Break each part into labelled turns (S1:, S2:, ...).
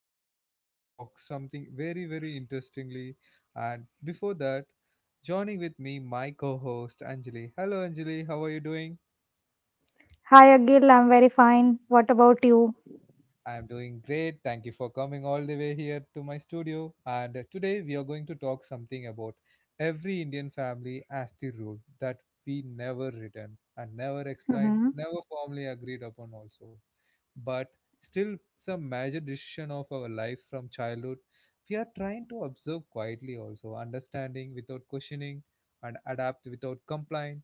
S1: Today we are going to talk something very interestingly, and before that joining with me my co-host Anjali. Hello Anjali, how are you doing?
S2: Hi, Agil. I'm very fine. What about you?
S1: I am doing great. Thank you for coming all the way here to my studio. And today we are going to talk something about every Indian family as the rule that we never return and never explain,
S2: hmm
S1: never formally agreed upon also. But still some major decision of our life from childhood we are trying to observe quietly, also understanding without questioning and adapt without complaint.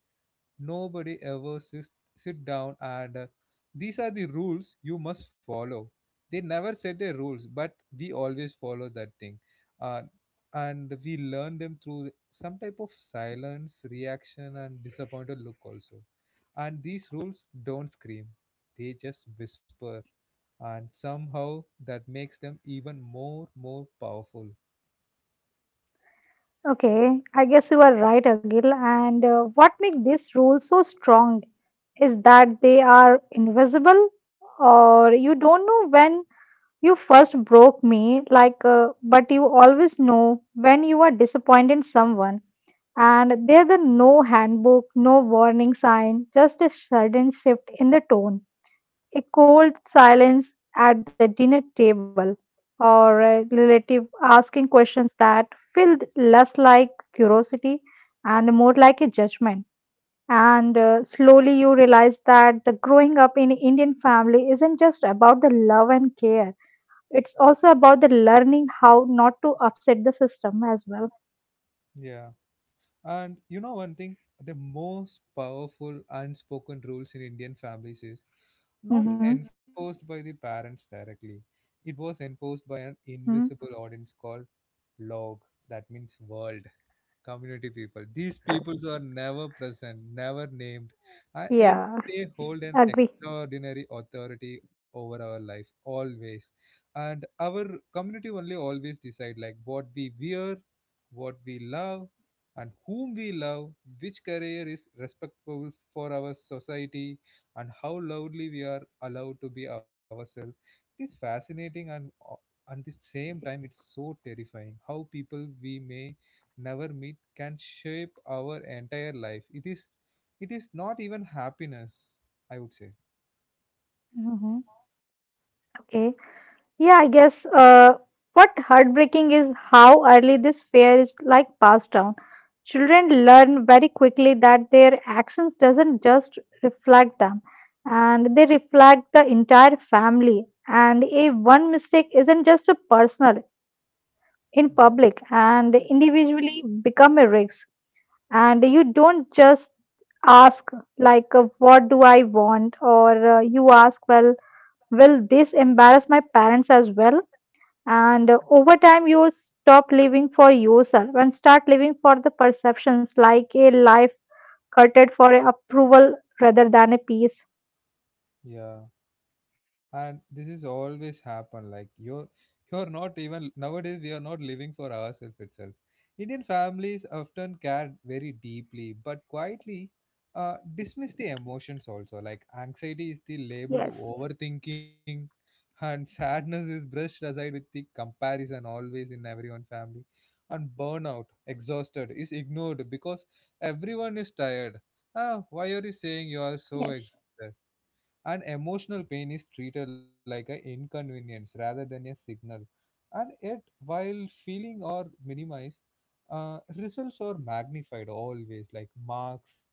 S1: Nobody ever sits sit down and these are the rules you must follow. They never set the rules, but we always follow that thing. Uh, and we learn them through some type of silence, reaction, and disappointed look also. And these rules don't scream, they just whisper. And somehow that makes them even more powerful.
S2: Okay, I guess you are right, Agil. And what makes these rules so strong is that they are invisible, or you don't know when you first broke me, but you always know when you are disappointed someone. And there the no handbook, no warning sign, just a sudden shift in the tone, a cold silence at the dinner table, or a relative asking questions that feel less like curiosity and more like a judgment. And slowly you realize that the growing up in Indian family isn't just about the love and care. It's also about the learning how not to upset the system as well.
S1: Yeah. And you know one thing, the most powerful unspoken rules in Indian families is not
S2: Mm-hmm.
S1: Enforced by the parents directly. It was enforced by an
S2: hmm
S1: invisible audience called log, that means world community people. These peoples are never present, never named, and
S2: Yeah,
S1: they hold an
S2: agree.
S1: extraordinary authority over our life always. And our community only always decide like what we wear, what we love, and whom we love, which career is respectable for our society, and how loudly we are allowed to be ourselves. This fascinating, and at the same time it's so terrifying how people we may never meet can shape our entire life. It is it is not even happiness, I would say.
S2: hmm Okay. Yeah, I guess what heartbreaking is how early this fear is like passed down. Children learn very quickly that their actions doesn't just reflect them, and they reflect the entire family. And a one mistake isn't just a personal, in
S1: Yeah.
S2: public and individually become a risk. And you don't just ask what do I want, or you ask, well, will this embarrass my parents as well? And over time, you will stop living for yourself and start living for the perceptions, like a life cutted for approval rather than a peace.
S1: Yeah, and this is always happen. Like you're not even nowadays we are not living for ourselves itself. Indian families often care very deeply but quietly dismiss the emotions also, like anxiety is the label to
S2: Yes,
S1: overthinking, and sadness is brushed aside with the comparison always in everyone family, and burnout exhausted is ignored because everyone is tired. Ah, why are you saying you are so
S2: yes,
S1: exhausted? And emotional pain is treated like an inconvenience rather than a signal. And yet, while feeling or minimized, results are magnified always, like marks,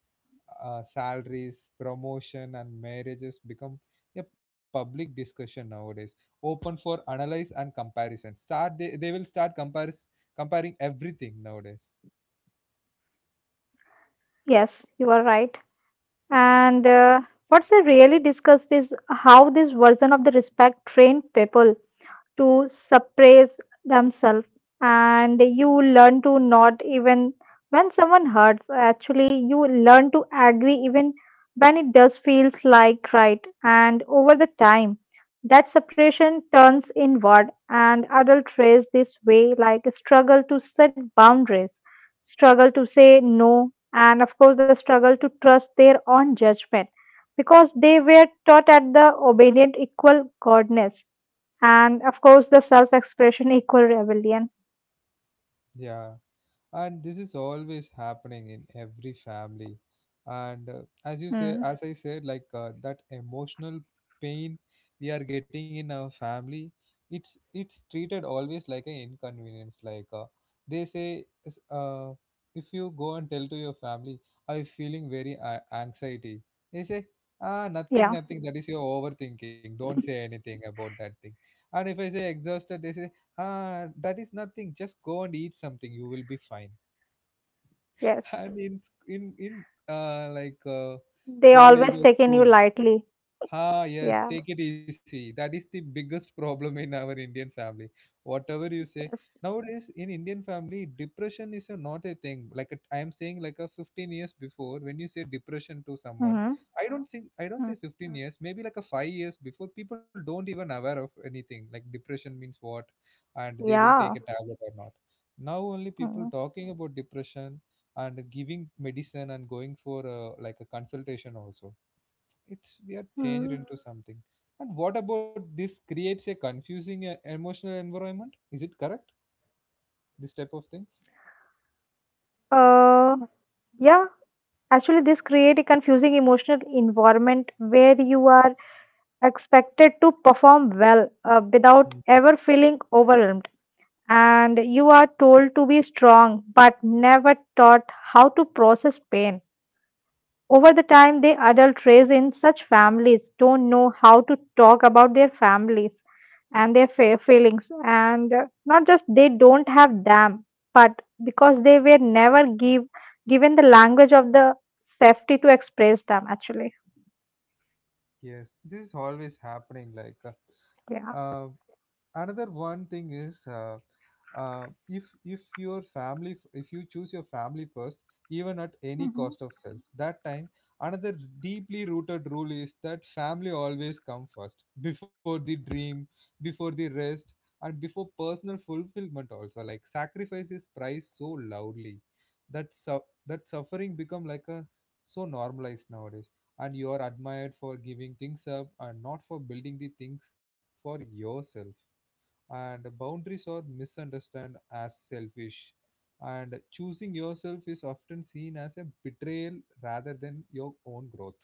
S1: salaries, promotion and marriages become a public discussion nowadays, open for analyze and comparison start. They will start compares comparing everything nowadays.
S2: yes, you are right. And what's I really discussed is how this version of the respect trained people to suppress themselves and you learn to not even when someone hurts actually you learn to agree even when it does feels like right and over the time that separation turns inward and adult trace this way like a struggle to set boundaries, struggle to say no, and of course the struggle to trust their own judgment, because they were taught at the obedient equal godness and of course the self expression equal rebellion.
S1: Yeah, and this is always happening in every family. And as you say,
S2: mm.
S1: as I said, like that emotional pain we are getting in our family, it's treated always like an inconvenience. Like they say if you go and tell to your family, I'm feeling very anxiety, they say, ah, nothing
S2: Yeah
S1: nothing that is your overthinking, don't say anything about that thing. And if I say exhausted, they say, ah, that is nothing, just go and eat something, you will be fine.
S2: yes
S1: And in uh, like uh,
S2: they always
S1: college or
S2: taken you
S1: school.
S2: lightly
S1: Ah,
S2: yeah
S1: yes, take it easy. That is the biggest problem in our Indian family. Whatever you say.
S2: yes
S1: Nowadays, in Indian family, depression is a, not a thing. Like a, I am saying, like a 15 years before, when you say depression to someone,
S2: mm-hmm.
S1: I don't think, I don't
S2: Hmm.
S1: say 15 years, maybe like a 5 years before, people don't even aware of anything. Like depression means what, and they will take a
S2: yeah
S1: tablet or not. Now only people
S2: mm
S1: talking about depression and giving medicine and going for a, like a consultation also. It's we are changed
S2: Mm.
S1: into something. And what about this creates a confusing emotional environment, is it correct, this type of things?
S2: uh yeah actually this create a confusing emotional environment where you are expected to perform well without ever feeling overwhelmed, and you are told to be strong but never taught how to process pain. Over the time, the adult raised in such families don't know how to talk about their families and their feelings. And not just they don't have them, but because they were never given the language of the safety to express them, actually.
S1: Yes, this is always happening. Like,
S2: Yeah.
S1: uh, another one thing is, if your family, if you choose your family first, even at any cost of
S2: hmm
S1: self, that time another deeply rooted rule is that family always come first, before the dream, before the rest, and before personal fulfillment. Also, like sacrifice is priced so loudly that that suffering become like a so normalized nowadays, and you are admired for giving things up and not for building the things for yourself, and boundaries are misunderstood as selfish, and choosing yourself is often seen as a betrayal rather than your own growth.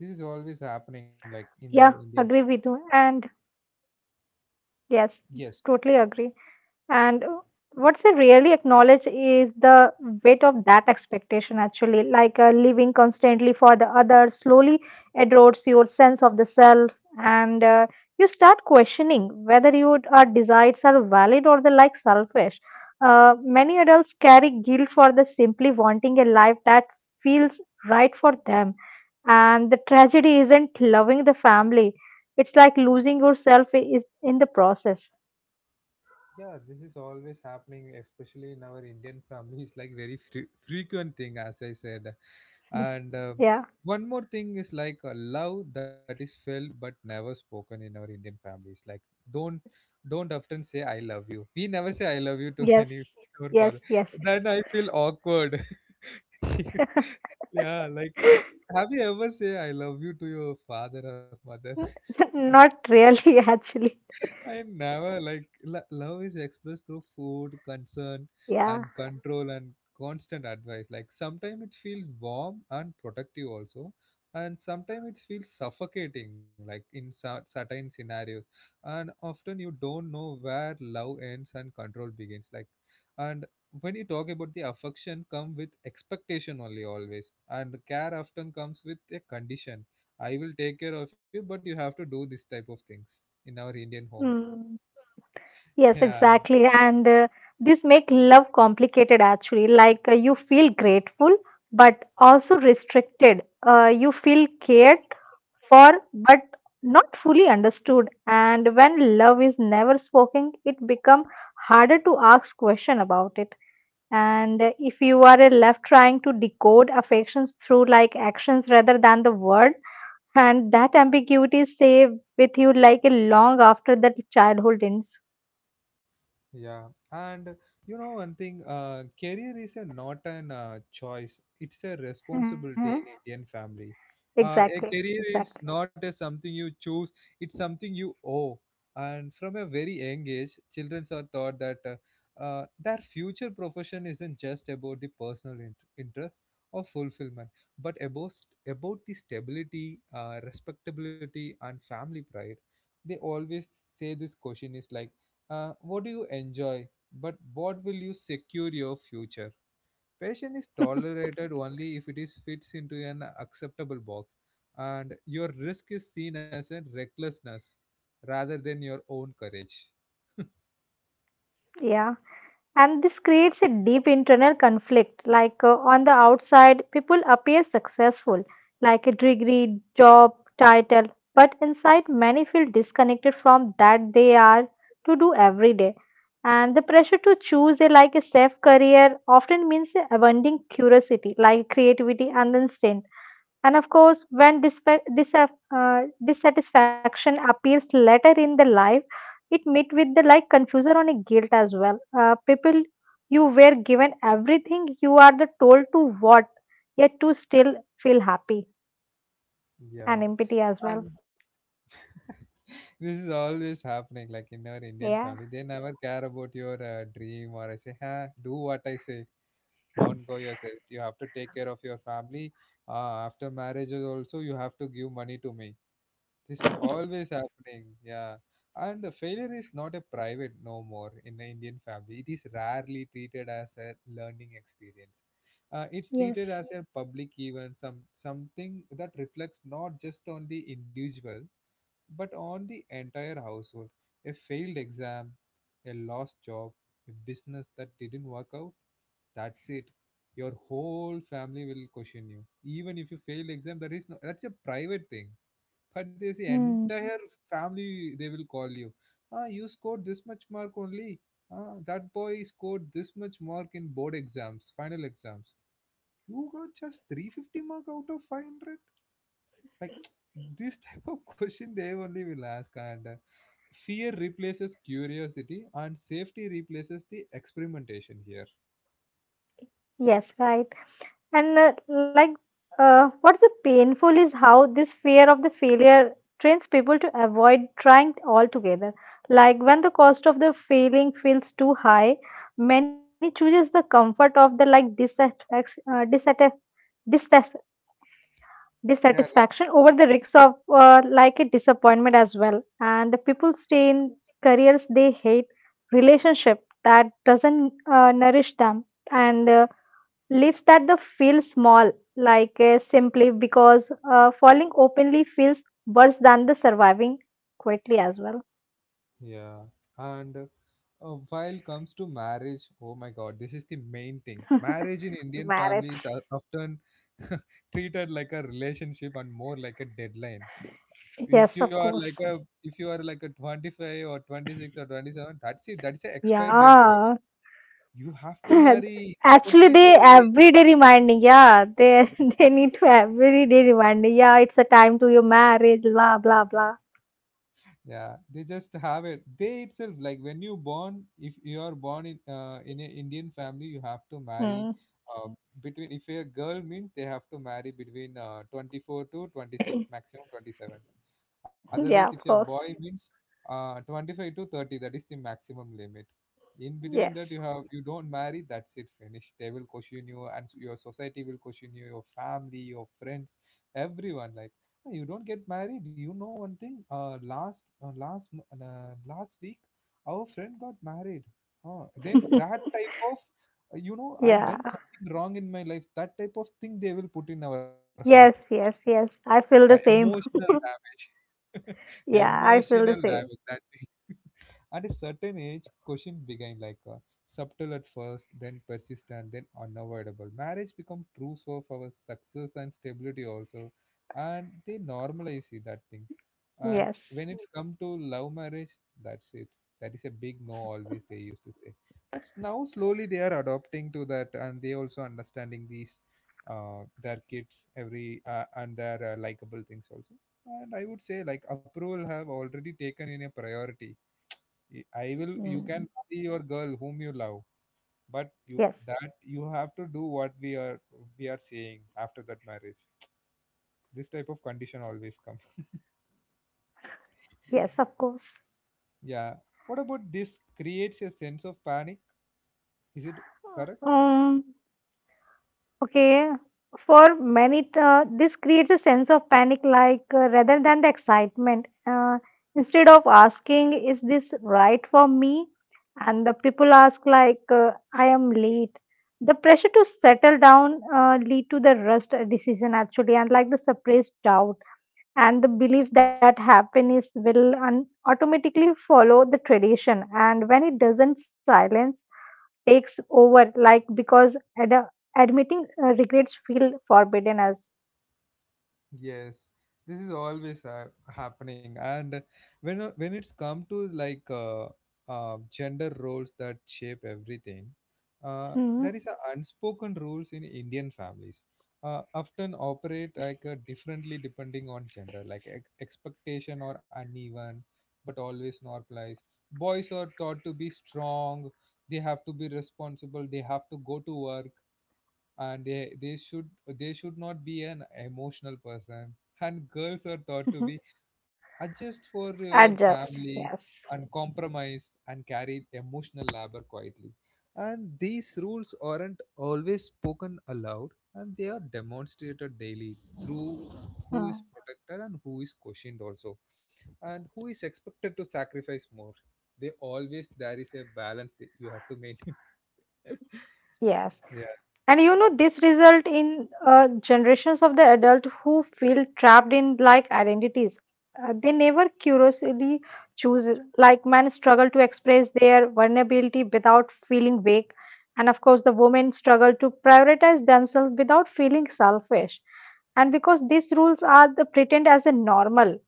S1: This is always happening like in our
S2: Yeah,
S1: Indian.
S2: agree with you. And yes,
S1: Yes.
S2: totally agree. And what's they really acknowledge is the weight of that expectation, actually. Living constantly for the other slowly erodes your sense of the self, and you start questioning whether your desires are valid or they are like selfish. Many adults carry guilt for the simply wanting a life that feels right for them. And the tragedy isn't loving the family. It's like losing yourself is in the process.
S1: Yeah, this is always happening, especially in our Indian families, like very frequent thing, as I said. And
S2: Yeah.
S1: one more thing is, like a love that is felt but never spoken in our Indian families. Like don't don't often say I love you. We never say I love you to
S2: Yes,
S1: any our
S2: yes,
S1: father.
S2: yes.
S1: Then I feel awkward. Yeah, like have you ever say I love you to your father or mother?
S2: Not really, actually.
S1: I never like love is expressed through food, concern,
S2: Yeah.
S1: and control and constant advice. Like sometimes it feels warm and protective also, and sometimes it feels suffocating, like in certain scenarios. And often you don't know where love ends and control begins. Like, and when you talk about the affection, come with expectation only always, and care often comes with a condition. I will take care of you, but you have to do this type of things in our Indian home.
S2: Mm. Yes,
S1: Yeah.
S2: exactly. And this make love complicated actually. You feel grateful, but also restricted. You feel cared for, but not fully understood. And when love is never spoken, it become harder to ask question about it, and if you are left trying to decode affections through like actions rather than the word, and that ambiguity stay with you like a long after that childhood ends.
S1: Yeah. And you know one thing, career is a not an choice. It's a
S2: hmm
S1: responsibility in Indian family.
S2: exactly,
S1: A career
S2: exactly.
S1: is not a something you choose. It's something you owe. And from a very young age, children are taught that their future profession isn't just about the personal interest or fulfillment, but about about the stability, respectability, and family pride. They always say this question is like, what do you enjoy, but what will you secure your future? Passion is tolerated only if it is fits into an acceptable box, and your risk is seen as a recklessness rather than your own courage.
S2: Yeah. And this creates a deep internal conflict. On the outside, people appear successful, like a degree, job, title, but inside, many feel disconnected from that they are to do every day. And the pressure to choose a like a safe career often means abandoning curiosity, like creativity and instinct. And of course, when dissatisfaction appears later in the life, it meet with the like confusion on a guilt as well. People, you were given everything. You are the told to what, yet to still feel happy and
S1: Yeah.
S2: empty as well.
S1: And this is always happening, like in our Indian
S2: Yeah.
S1: family, they never care about your dream, or I say, huh, do what I say, don't go yourself. You have to take care of your family. After marriage, also you have to give money to me. This always happening, yeah. And the failure is not a private no more in the Indian family. It is rarely treated as a learning experience. It's
S2: Yes.
S1: treated as a public event, something that reflects not just on the individual but on the entire household. A failed exam, a lost job, a business that didn't work out. That's it. Your whole family will question you. Even if you failed exam, that is no, that's a private thing, but they say
S2: Hmm.
S1: entire family, they will call you, ah, you scored this much mark only, ah, that boy scored this much mark in board exams, final exams, you got just 350 mark out of 500, like, this type of question they only will ask. And fear replaces curiosity and safety replaces the experimentation here.
S2: Yes. Right. And what's the painful is how this fear of the failure trains people to avoid trying altogether. Like when the cost of the failing feels too high, many chooses the comfort of the like dissas-
S1: Yeah, like
S2: dissatisfaction
S1: that.
S2: over the risks of like a disappointment as well. And the people stay in careers they hate, relationship that doesn't nourish them, and Lips that the feel small, simply because falling openly feels worse than the surviving quietly as well.
S1: Yeah, and while comes to marriage, oh my God, this is the main thing. Marriage in Indian families
S2: Marriage.
S1: are often treated like a relationship and more like a deadline.
S2: Yes,
S1: If you
S2: of
S1: are like
S2: course.
S1: a if you are like a 25 or 26 or 27, that's it. That's an expire date for
S2: Yeah.
S1: you. You have to marry. What
S2: Actually,
S1: is
S2: they
S1: your age?
S2: every day reminding. Yeah, they they need to every day reminding. Yeah, it's a time to your marriage. Blah blah blah.
S1: Yeah, they just have it, they itself, like when you born, if you are born in an Indian family, you have to marry
S2: Mm.
S1: uh, between, if you're a girl means, they have to marry between 24 to 26, maximum 27. Otherwise, if
S2: Yeah,
S1: you're
S2: of course.
S1: boy means 25 to 30, that is the maximum limit. In between
S2: Yes.
S1: that, you have, you don't marry, that's it, finished. They will question you, and your society will question you, your family, your friends, everyone. Like, "Oh, you don't get married. You know one thing. Last last week, our friend got married. Huh." Then that type of you know I
S2: Yeah.
S1: done something wrong in my life. That type of thing they will put in our heart.
S2: Yes, yes, yes. I
S1: Yeah,
S2: feel the same.
S1: emotional damage.
S2: Yeah, I
S1: Emotional
S2: feel the
S1: damage
S2: same.
S1: that at a certain age, question became like subtle at first, then persistent, then unavoidable. Marriage become proof of our success and stability also, and they normalize it, that thing. And
S2: Yes.
S1: when it's come to love marriage, that's it. That is a big no always they used to say. But now slowly they are adopting to that, and they also understanding these uh, their kids every and their likable things also. And I would say like approval have already taken in a priority. I will you
S2: Mm.
S1: can marry your girl whom you love, but you,
S2: Yes,
S1: that you have to do what we are saying after that marriage. This type of condition always comes.
S2: yes, of course.
S1: Yeah. What about this creates a sense of panic? Is it correct?
S2: Um, okay. For many, this creates a sense of panic, like rather than the excitement. Instead of asking, "Is this right for me?" and the people ask, "I am late." The pressure to settle down lead to the rushed decision actually, and like the suppressed doubt and the belief that happiness will automatically follow the tradition. And when it doesn't, silence takes over like because admitting regrets feel forbidden as
S1: Yes, this is always happening. And when it's come to like gender roles that shape everything, there
S2: Mm-hmm.
S1: is a unspoken rules in Indian families, often operate like differently depending on gender, like expectation or uneven, but always normalized. Boys are thought to be strong; they have to be responsible; they have to go to work, and they should not be an emotional person. And girls are thought to be adjust for your
S2: adjust
S1: family
S2: yes
S1: and compromise and carry emotional labor quietly, and these rules aren't always spoken aloud, and they are demonstrated daily through who
S2: Mm-hmm.
S1: is protected and who is questioned also, and who is expected to sacrifice more. They always, there is a balance that you have to maintain. Yeah.
S2: And you know, this result in generations of the adult who feel trapped in like identities. They never curiously choose. Like men struggle to express their vulnerability without feeling weak, and of course, the women struggle to prioritize themselves without feeling selfish. And because these rules are the pretend as a normal,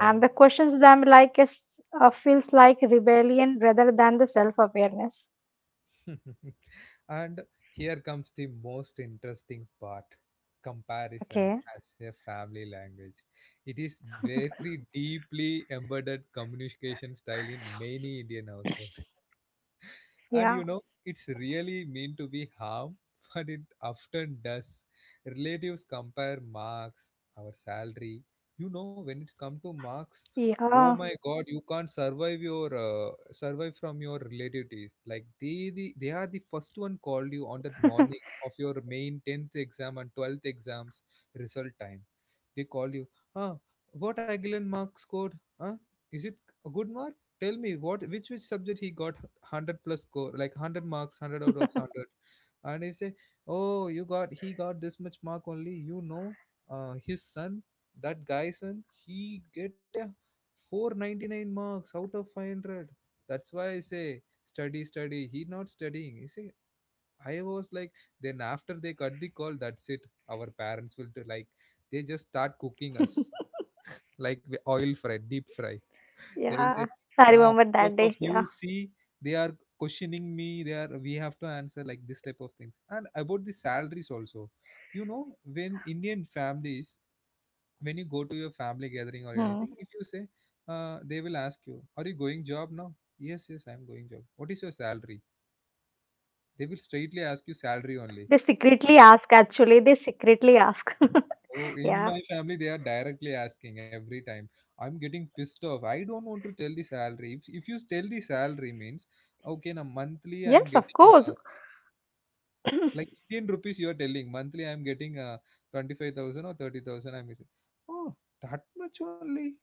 S2: and the questions them like is, feels like rebellion rather than the self awareness.
S1: And here comes the most interesting part:
S2: Okay.
S1: comparison as a family language. It is very deeply embedded communication style in many Indian households.
S2: Yeah.
S1: And it's really mean to be harm, but it often does. Relatives compare marks, our salary. When it's come to marks, oh
S2: Yeah.
S1: my God, you can't survive from your relatives. Like they are the first one called you on that morning of your main 10th exam and 12th exams result time. They call you. Ah, what Aguilan
S2: Asking,
S1: mark
S2: yeah.
S1: scored? Huh? Is it a good mark? Tell me what which subject he got 100 plus score, like 100 marks, 100 out of 100. And you say, oh, you got he got this much mark only. His son, that guy's son, he get a 499 marks out of 500. That's why I say, study, study, he not studying, you see. I was like, then after they cut the call, that's it. Our parents will do like, they just start cooking us like oil fry, deep fry.
S2: Yeah,
S1: They
S2: I
S1: will say,
S2: remember that
S1: ah,
S2: day. Yeah,
S1: because of you, see, they are questioning me. We have to answer like this type of things. And about the salaries also, when Indian families, when you go to your
S2: Hmm.
S1: family gathering or anything, if you say, they will ask you, are you going job now? Yes, yes, I'm going job. What is your salary? They will straightly ask you
S2: they
S1: salary only.
S2: secretly ask, actually, they secretly ask. Yeah,
S1: Oh, in my family, they are directly asking every time. I'm getting pissed off. I don't want to tell the salary. If you tell the salary means, okay, now
S2: Yes, of
S1: monthly I am
S2: course.
S1: getting, uh, like Indian rupees, you are telling, monthly I am getting 25,000 or 30,000 I'm getting. Oh, that much only.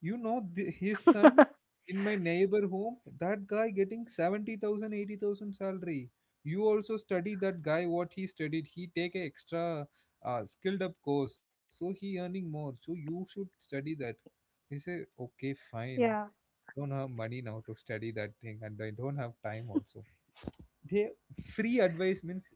S1: His son in my neighbor home, that guy getting 70,000, 80,000 salary. You also study that guy, what he studied. He take a extra skilled up course, so he earning more. So you should study that. He say, okay, fine.
S2: yeah,
S1: I don't have money now to study that thing, and I don't have time also. They, free advice means,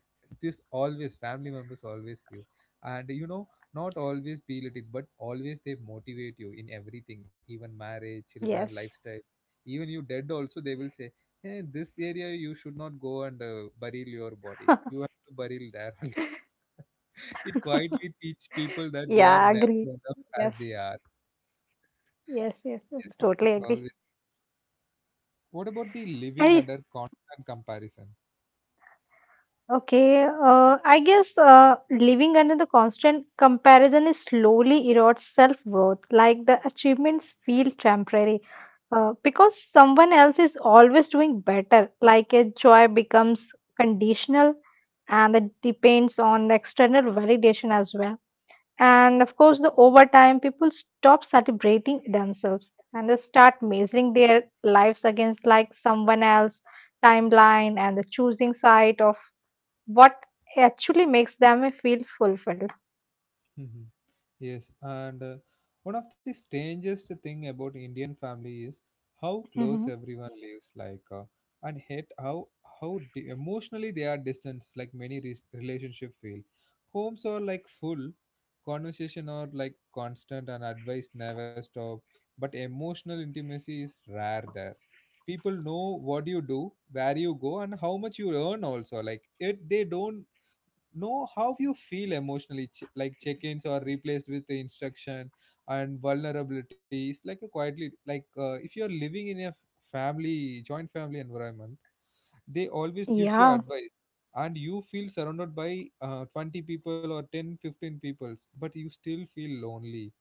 S1: this always family members always give. And not always peel it, but always they motivate you in everything, even marriage, children,
S2: Yes.
S1: lifestyle. Even you dead also, they will say, hey, this area you should not go, and burial your body, you have to burial there. It quietly teach people that
S2: yeah,
S1: they are
S2: agree.
S1: never enough
S2: Yes.
S1: as they are.
S2: Yes, yes, yes,
S1: Yes, this
S2: totally
S1: is
S2: agree.
S1: always. What about the living
S2: I
S1: under constant comparison?
S2: Okay, I guess living under the constant comparison is slowly erodes self-worth, like the achievements feel temporary. Because someone else is always doing better, like a joy becomes conditional and it depends on the external validation as well. And of course, the over time, people stop celebrating themselves and they start measuring their lives against like someone else timeline and the choosing side of what actually makes them feel fulfilled.
S1: Yes, and one of the strangest thing about Indian family is how close
S2: Mm-hmm.
S1: everyone lives, like, and hate how emotionally they are distant. Like many relationship feel, homes are like full, conversation are like constant, and advice never stop. But emotional intimacy is rare there. People know what you do, where you go, and how much you earn. Also, like it, they don't know how you feel emotionally, like check-ins are replaced with the instruction, and vulnerabilities like a quietly, like if you're living in a family, joint family environment, they always gives you
S2: Yeah,
S1: advice, and you feel surrounded by 20 people or ten fifteen 15 people, but you still feel lonely.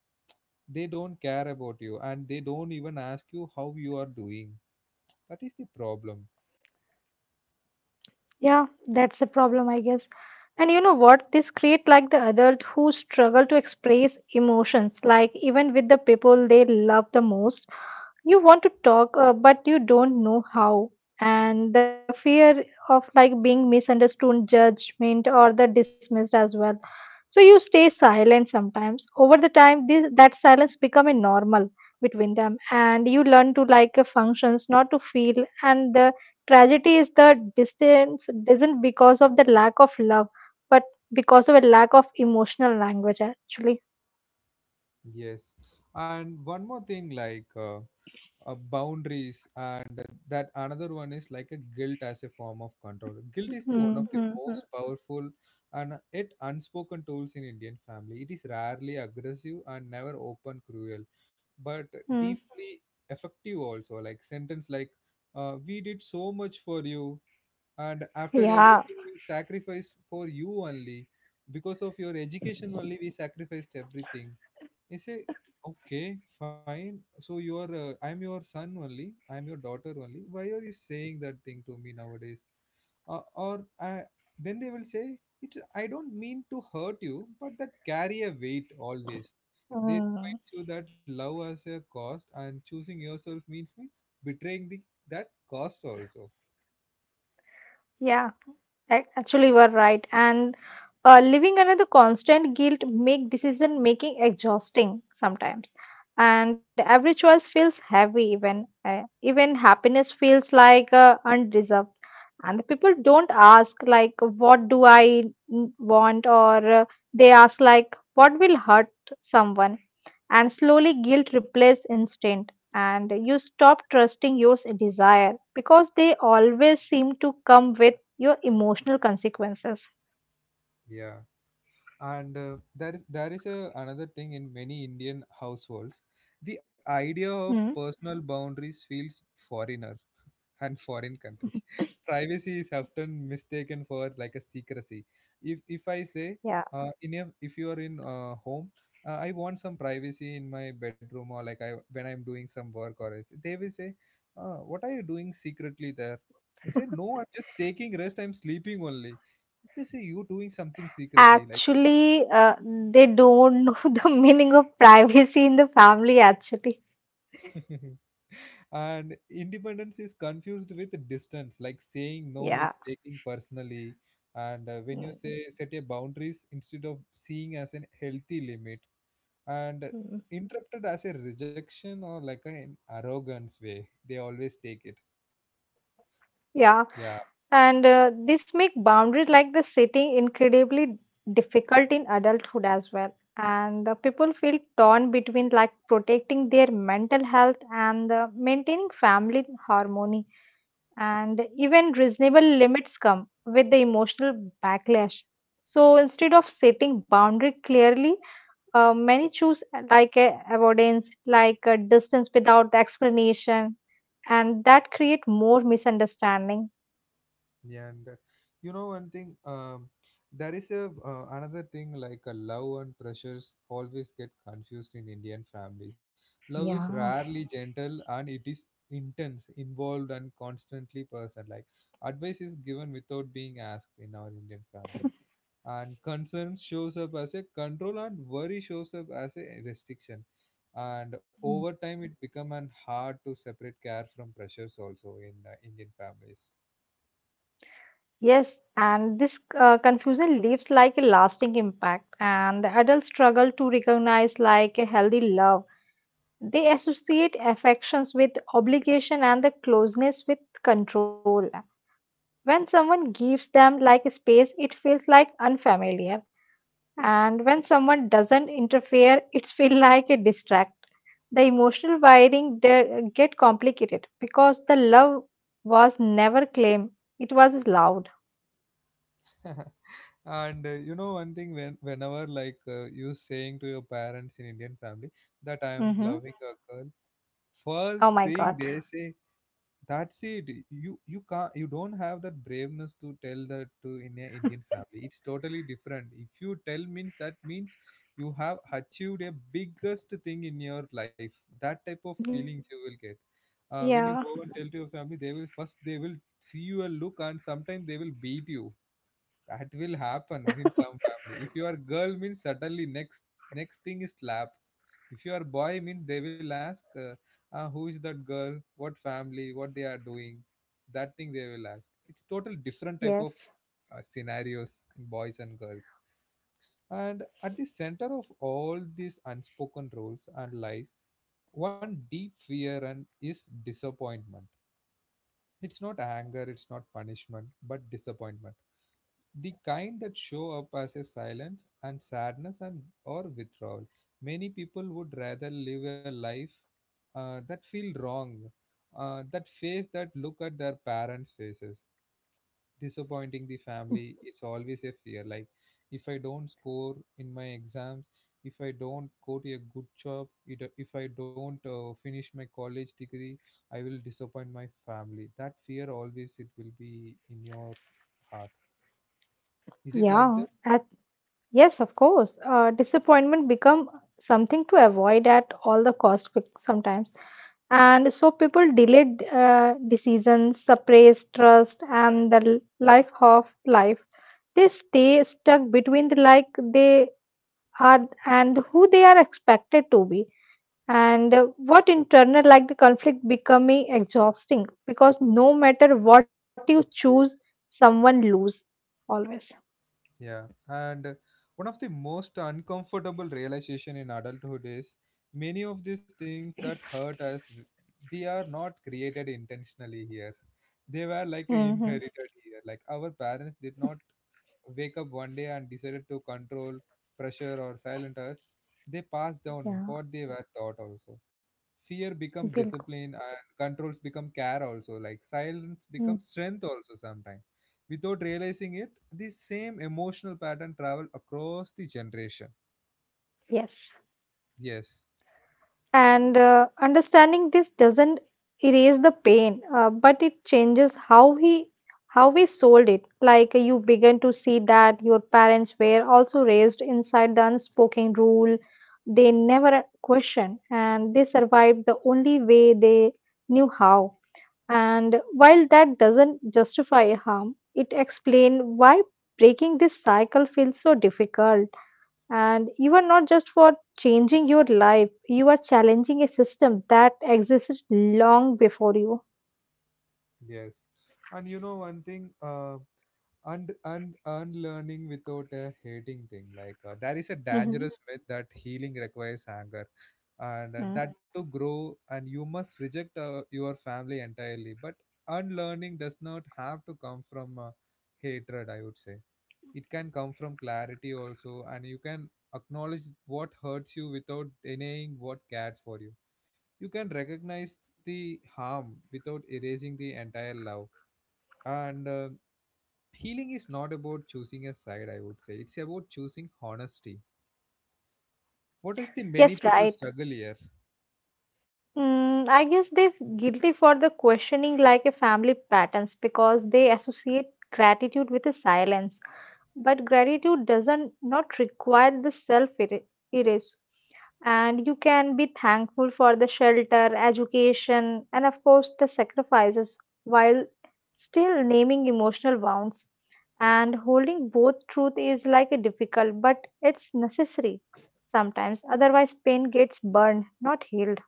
S1: They don't care about you, and they don't even ask you how you are doing. That is the problem.
S2: yeah, that's a problem, I guess. And you know what? This create like the adult who struggle to express emotions, like even with the people they love the most. You want to talk but you don't know how, and the fear of like being misunderstood judgment or the dismissed as well, so you stay silent sometimes. Over the time, this that silence become a normal between them, and you learn to like functions not to feel, and the tragedy is the distance doesn't because of the lack of love but because of a lack of emotional language actually.
S1: Yes. And one more thing, like, boundaries, and that another one is like a guilt as a form of control. Guilt is the one of the most
S2: Mm-hmm.
S1: powerful and yet unspoken tools in Indian family. It is rarely aggressive and never open cruel, but deeply effective also. Like sentence like, we did so much for you, and after
S2: Yeah.
S1: everything we sacrificed for you only, because of your education only we sacrificed everything. He say, okay, fine. So I'm your son only, I'm your daughter only. Why are you saying that thing to me nowadays? Uh, or I, then they will say, I don't mean to hurt you, but that carry a weight always. They
S2: Mm.
S1: reminds you that love has a cost and choosing yourself means betraying the that cost also.
S2: Yeah, actually you are right. And living under the constant guilt make decision making exhausting sometimes. And every choice feels heavy, even even happiness feels like undeserved. And the people don't ask like what do I want, or they ask like what will hurt someone, and slowly guilt replaces instinct and you stop trusting your desire because they always seem to come with your emotional consequences.
S1: Yeah. And there is another thing in many Indian households. The idea
S2: Hmm.
S1: of personal boundaries feels foreigner and foreign country. Privacy is often mistaken for like a secrecy. If I say,
S2: yeah
S1: if you are in home, I want some privacy in my bedroom, or like I when I'm doing some work or else, they will say, what are you doing secretly there? I say, no, I'm just taking rest, I'm sleeping only. They say, you doing something secretly, like.
S2: actually they don't know the meaning of privacy in the family actually.
S1: And independence is confused with distance, like saying no
S2: Yeah.
S1: is taking personally. And when you
S2: Mm,
S1: say set a boundaries, instead of seeing as an healthy limit and
S2: mm.
S1: interrupted as a rejection or like an arrogance way they always take it.
S2: Yeah
S1: Yeah.
S2: And this make boundary like the setting incredibly difficult in adulthood as well. And the people feel torn between like protecting their mental health and maintaining family harmony. And even reasonable limits come with the emotional backlash. So instead of setting boundary clearly, many choose avoidance, like distance without the explanation, and that create more misunderstanding.
S1: Yeah, and you know one thing, there is a another thing like a love and pressures always get confused in Indian families. Love is
S2: Yeah.
S1: rarely gentle, and it is intense, involved and constantly person. Like, advice is given without being asked in our Indian family, and concern shows up as a control and worry shows up as a restriction. And over time, it become an hard to separate care from pressures also in Indian families.
S2: Yes, and this confusion leaves like a lasting impact, and the adults struggle to recognize like a healthy love. They associate affections with obligation and the closeness with control. When someone gives them like a space, it feels like unfamiliar, and when someone doesn't interfere, it feels like a distract. The emotional wiring get complicated because the love was never claimed; it was allowed.
S1: And you know one thing, whenever like you saying to your parents in Indian family that I am
S2: hmm
S1: loving a girl, first
S2: Oh my
S1: thing
S2: God.
S1: they say, that's it. You don't have that braveness to tell that to in a Indian family. It's totally different. If you tell means, that means you have achieved a biggest thing in your life. That type of feelings you
S2: Yeah.
S1: will get. When you go and tell to your family, they will see you a look, and sometimes they will beat you. That will happen in some family. If you are girl means, suddenly next thing is slap. If you are boy means, they will ask, ah, who is that girl, what family, what they are doing? That thing they will ask. It's total different
S2: Yes.
S1: type of scenarios in boys and girls. And at the center of all these unspoken rules and lies, one deep fear, and is disappointment. It's not anger, it's not punishment, but disappointment. The kind that show up as a silence and sadness and or withdrawal. Many people would rather live a life that feel wrong, that face, that look at their parents faces. Disappointing the family, it's always a fear. Like, if I don't score in my exams, if I don't go to a good job, if I don't finish my college degree, I will disappoint my family. That fear always, it will be in your heart. Is it like that?
S2: Yeah, at, yes, of course. Disappointment become something to avoid at all the cost sometimes, and so people delay decisions, suppress trust, and the life of life. They stay stuck between the like they are and who they are expected to be, and what internal like the conflict becoming exhausting because no matter what you choose, someone lose always.
S1: Yeah, and one of the most uncomfortable realization in adulthood is, many of these things that hurt us, we are not created intentionally here. They were like a
S2: hmm
S1: inherited here. Like our parents did not wake up one day and decided to control, pressure, or silent us. They pass
S2: Yeah,
S1: down what they were taught also. Fear become
S2: bilkul.
S1: discipline, and controls become care also. Like silence
S2: Mm,
S1: becomes strength also sometimes. Without realizing it, the same emotional pattern travel across the generation.
S2: Yes.
S1: Yes,
S2: And understanding this doesn't erase the pain, but it changes how we sold it. Like you begin to see that your parents were also raised inside the unspoken rule they never questioned, and they survived the only way they knew how. And while that doesn't justify harm, it explains why breaking this cycle feels so difficult. And you are not just for changing your life, you are challenging a system that existed long before you.
S1: yes. And you know one thing, and unlearning without a hating thing like there is a
S2: Hmm
S1: dangerous myth that healing requires anger and that to grow and you must reject your family entirely, but unlearning does not have to come from hatred, I would say. It can come from clarity also, and you can acknowledge what hurts you without denying what cared for you. You can recognize the harm without erasing the entire love. And Healing is not about choosing a side, I would say. It's about choosing honesty. What is the
S2: Yes,
S1: many
S2: right.
S1: people struggle here?
S2: I guess they're guilty for the questioning like a family patterns because they associate gratitude with a silence. But gratitude doesn't not require the self erase, and you can be thankful for the shelter education and of course the sacrifices while still naming emotional wounds, and holding both truth is like a difficult but it's necessary sometimes. Otherwise pain gets burned not healed.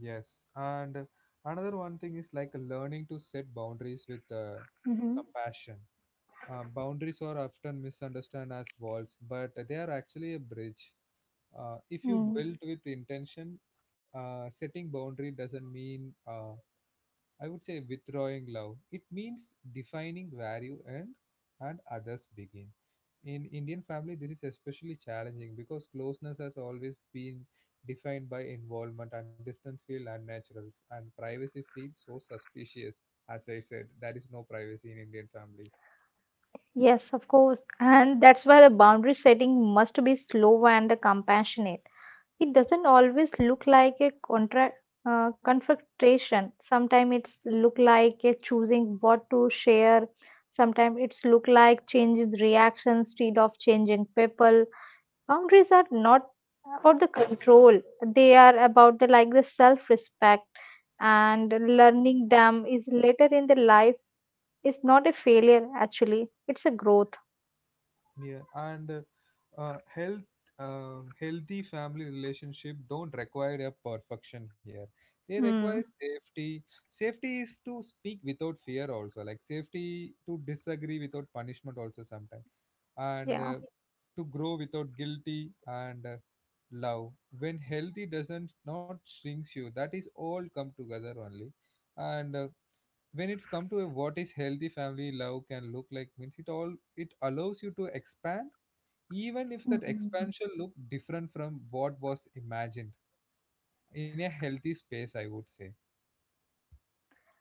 S1: Yes. And Another one thing is like learning to set boundaries with
S2: Hmm
S1: compassion. Boundaries are often misunderstood as walls, but they are actually a bridge. If you
S2: Mm.
S1: build with intention, setting boundary doesn't mean I would say withdrawing love. It means defining where you end and others begin. In Indian family, this is especially challenging because closeness has always been defined by involvement, and distance feels unnatural, and privacy feels so suspicious. As I said, there is no privacy in Indian family.
S2: Yes, of course. And that's why the boundary setting must be slow and compassionate. It doesn't always look like a confrontation. Sometimes it's look like a choosing what to share. Sometimes it's look like changes reactions, instead of changing people. Boundaries are not about the control. They are about the like the self-respect, and learning them is later in the life is not a failure actually. It's a growth.
S1: Yeah, and health, healthy family relationship don't require a perfection here. They
S2: Hmm.
S1: require safety. Safety is to speak without fear also, like safety to disagree without punishment also sometimes, and
S2: Yeah.
S1: uh, to grow without guilty and love. When healthy doesn't not shrinks you, that is all come together only, and. When it's come to a what is healthy family love can look like means it all it allows you to expand even if that
S2: Mm.
S1: expansion looked different from what was imagined in a healthy space, I would say.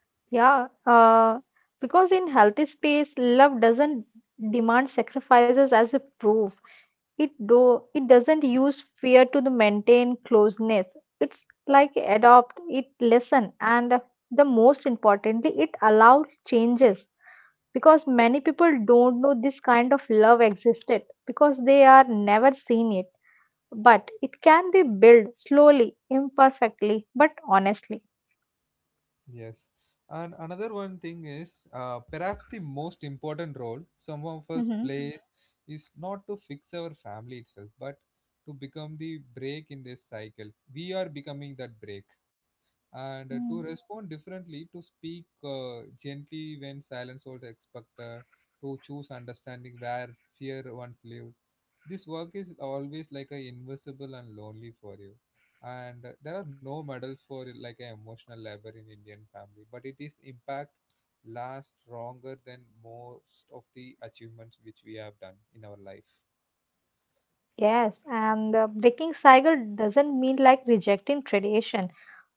S2: Yeah, because in healthy space, love doesn't demand sacrifices as a proof. It doesn't use fear to the maintain closeness. It's like adopt, it listen, and the most importantly, it allows changes because many people don't know this kind of love existed because they are never seen it. But it can be built slowly, imperfectly, but honestly.
S1: Yes, and another one thing is perhaps the most important role some of us
S2: Mm-hmm.
S1: plays is not to fix our family itself, but to become the break in this cycle. We are becoming that break, and
S2: Mm.
S1: to respond differently, to speak gently when silence was expected, to choose understanding where fear once lived. This work is always like a invisible and lonely for you. And there are no medals for like an emotional labor in Indian family, but it is impact lasts longer than most of the achievements which we have done in our life.
S2: Yes, and breaking cycle doesn't mean like rejecting tradition.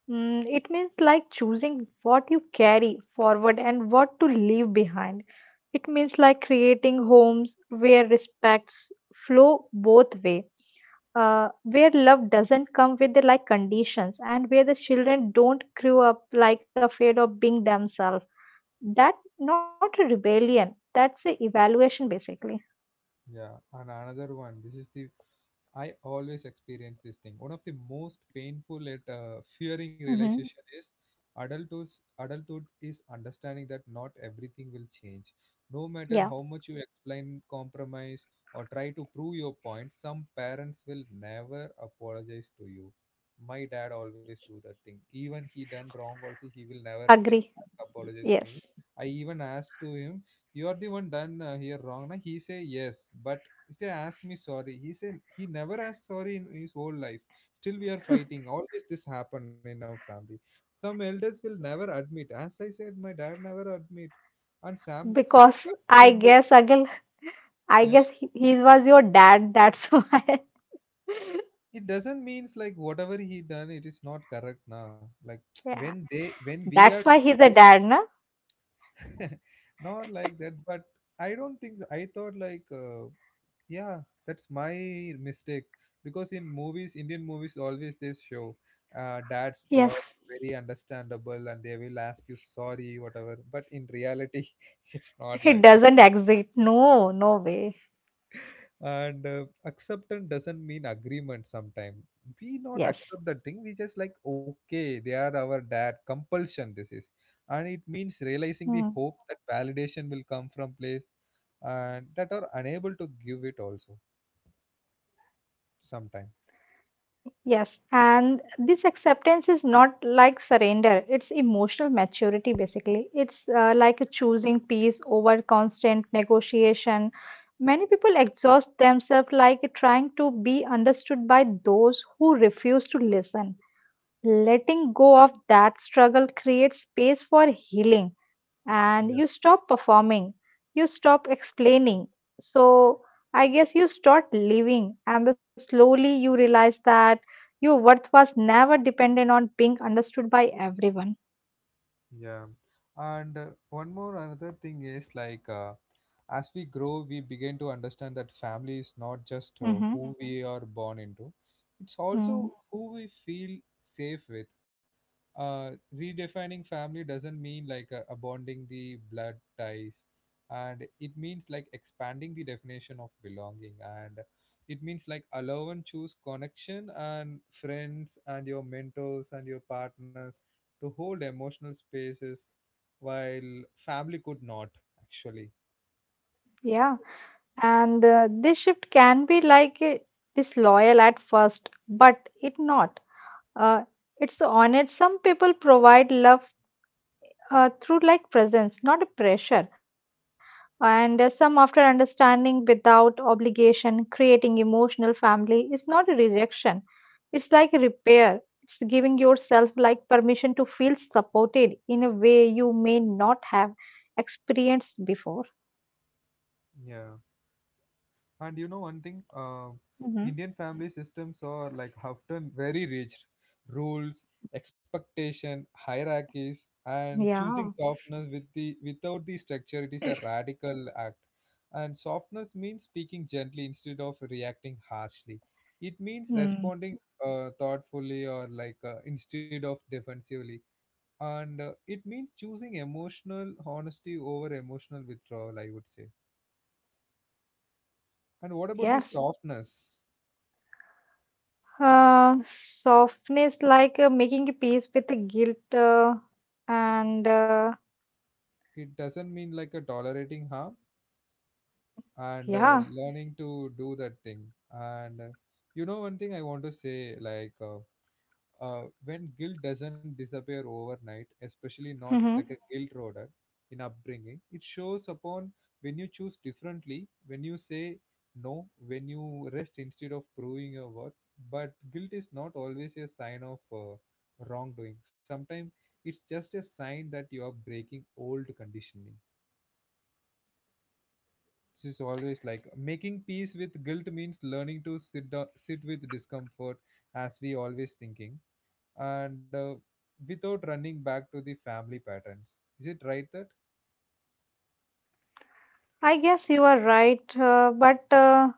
S2: Mm, it means like choosing what you carry forward and what to leave behind. It means like creating homes where respects flow both way, where love doesn't come with the like conditions, and where the children don't grow up like afraid of being themselves. That not a rebellion. That's a evaluation basically.
S1: Yeah, and another one. This is the I always experience this thing. One of the most painful and fearing
S2: Hmm
S1: realization is adulthood. Adulthood is understanding that not everything will change. No matter
S2: Yeah,
S1: how much you explain, compromise, or try to prove your point, some parents will never apologize to you. My dad always do that thing. Even he done wrong, also he will never
S2: agree.
S1: apologize
S2: Yes.
S1: me. I even asked to him, "You are the one done here wrong." Na? He say yes, but he said, ask me sorry. He said he never asked sorry in his whole life. Still, we are fighting. Always this happen in our family. Some elders will never admit. As I said, my dad never admit. And some
S2: Because
S1: family
S2: I guess
S1: members,
S2: again, I
S1: yeah.
S2: guess he was your dad. That's why.
S1: It doesn't means like whatever he done, it is not correct now. Like
S2: Yeah,
S1: when they when
S2: that's why he's a
S1: we
S2: dad, na?
S1: are not like that. But I don't think so. I thought like yeah, that's my mistake because in movies, Indian movies always they show dads
S2: Yes,
S1: are very understandable and they will ask you sorry, whatever. But in reality, it's not
S2: he
S1: like that.
S2: doesn't exit. No, no way.
S1: And acceptance doesn't mean agreement. Sometimes we not
S2: Yes.
S1: accept that thing. We just like okay, they are our dad. Compulsion this is, and it means
S2: Mm.
S1: realizing the hope that validation will come from place and that are unable to give it also sometime.
S2: Yes, and this acceptance is not like surrender. It's emotional maturity, basically. It's like a choosing peace over constant negotiation. Many people exhaust themselves like trying to be understood by those who refuse to listen. Letting go of that struggle creates space for healing, and you stop performing, you stop explaining. So, I guess you start living, and the slowly you realize that your worth was never dependent on being understood by everyone.
S1: Yeah, and one more another thing is like as we grow, we begin to understand that family is not just
S2: Mm-hmm.
S1: who we are born into; it's
S2: Mm,
S1: also who we feel safe with. Redefining family doesn't mean like abounding the blood ties, and it means like expanding the definition of belonging, and it means like allow and choose connection and friends and your mentors and your partners to hold emotional spaces while family could not actually.
S2: yeah, and this shift can be disloyal at first, but it not. Uh, it's honest. Some people provide love through like presence, not a pressure. And some after understanding without obligation, creating emotional family is not a rejection. It's like a repair. It's giving yourself like permission to feel supported in a way you may not have experienced before.
S1: Yeah. And you know one thing,
S2: Hmm
S1: Indian family systems are like often very rigid, rules, expectation, hierarchies, and choosing
S2: Yeah.
S1: softness with the without the structure. It is a radical act, and softness means speaking gently instead of reacting harshly. It means
S2: Mm.
S1: responding thoughtfully or like instead of defensively, and it means choosing emotional honesty over emotional withdrawal, I would say. And what about the
S2: Yes.
S1: softness?
S2: Uh, Softness like making a peace with the guilt and
S1: It doesn't mean like a tolerating harm, and
S2: yeah.
S1: learning to do that thing, and you know one thing I want to say like when guilt doesn't disappear overnight, especially not
S2: hmm
S1: like a guilt roader in upbringing, it shows upon when you choose differently, when you say no, when you rest instead of proving your worth. But guilt is not always a sign of wrongdoing. Sometimes it's just a sign that you are breaking old conditioning. This is always like making peace with guilt means learning to sit down, sit with discomfort, as we always thinking, and without running back to the family patterns. Is it right that
S2: I guess you are right, but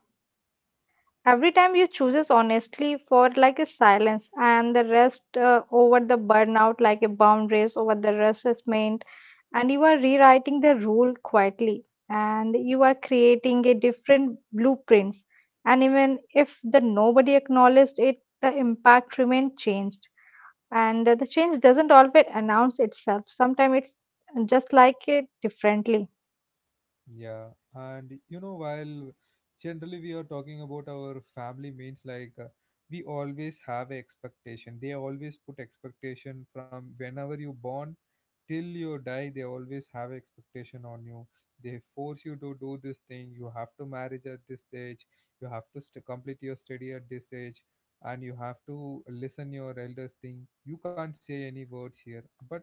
S2: every time you chooses honestly for like a silence and the rest over the burnout, like a boundaries over the rest is meant, and you are rewriting the rule quietly, and you are creating a different blueprints, and even if the nobody acknowledged it, the impact remained changed, and the change doesn't always announce itself. Sometimes it's just like it differently.
S1: yeah? And you know, while generally we are talking about our family means like we always have a expectation. They always put expectation from whenever you born till you die. They always have expectation on you. They force you to do this thing. You have to marriage at this age, you have to complete your study at this age, and you have to listen your elders thing, you can't say any words here. But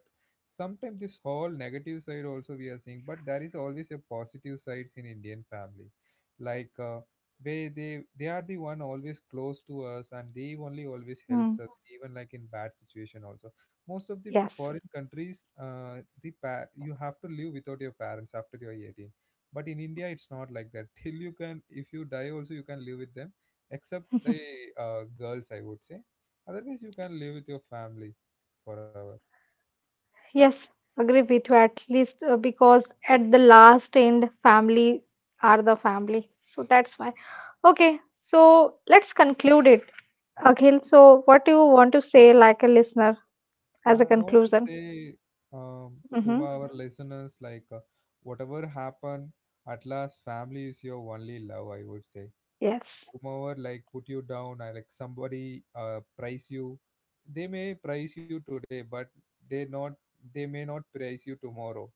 S1: sometimes this whole negative side also we are seeing, but there is always a positive sides in Indian family. Like they are the one always close to us, and they only always
S2: Mm,
S1: helps us, even like in bad situation also. Most of the
S2: yes.
S1: foreign countries, you have to live without your parents after you're 18. But in India it's not like that. Till you can, if you die also, you can live with them, except the girls, I would say. Otherwise you can live with your family forever.
S2: Yes, agree with you at least because at the last end, family are the family. So that's why. Okay, so let's conclude it. Akhil, so what do you want to say, like a listener, as a
S1: I want to
S2: conclusion?
S1: say, um, to my,
S2: Mm-hmm.
S1: our listeners, like whatever happened, at last family is your only love, I would say.
S2: Yes.
S1: Come over, like put you down, or like somebody price you. They may price you today, but they not they may not price you tomorrow.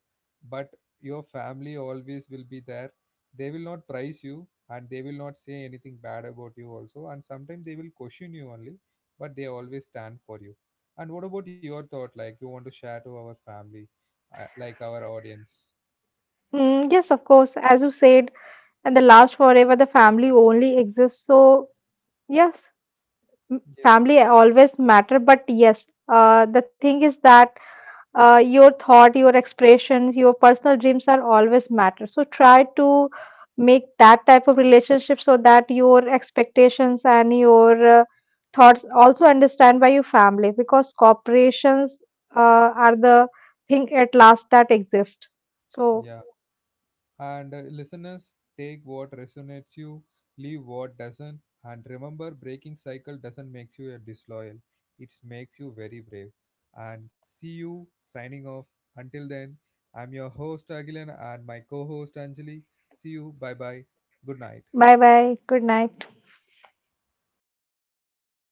S1: But your family always will be there. They will not price you, and they will not say anything bad about you also. And sometimes they will question you only, but they always stand for you. And what about your thought? Like you want to share to our family, like our audience?
S2: Mm, yes, of course. As you said, and the last forever, the family only exists. So, yes, m-
S1: Yes.
S2: family always matter. But yes, the thing is that your thought, your expressions, your personal dreams are always matter. So try to make that type of relationship so that your expectations and your thoughts also understand by your family because corporations are the thing at last that exist. So
S1: Yeah. And listeners, take what resonates you, leave what doesn't, and remember breaking cycle doesn't make you a disloyal. It makes you very brave. And see you signing off. Until then, I'm your host Agilan and my co-host Anjali. See you. Bye bye. Good night.
S2: bye bye, good night.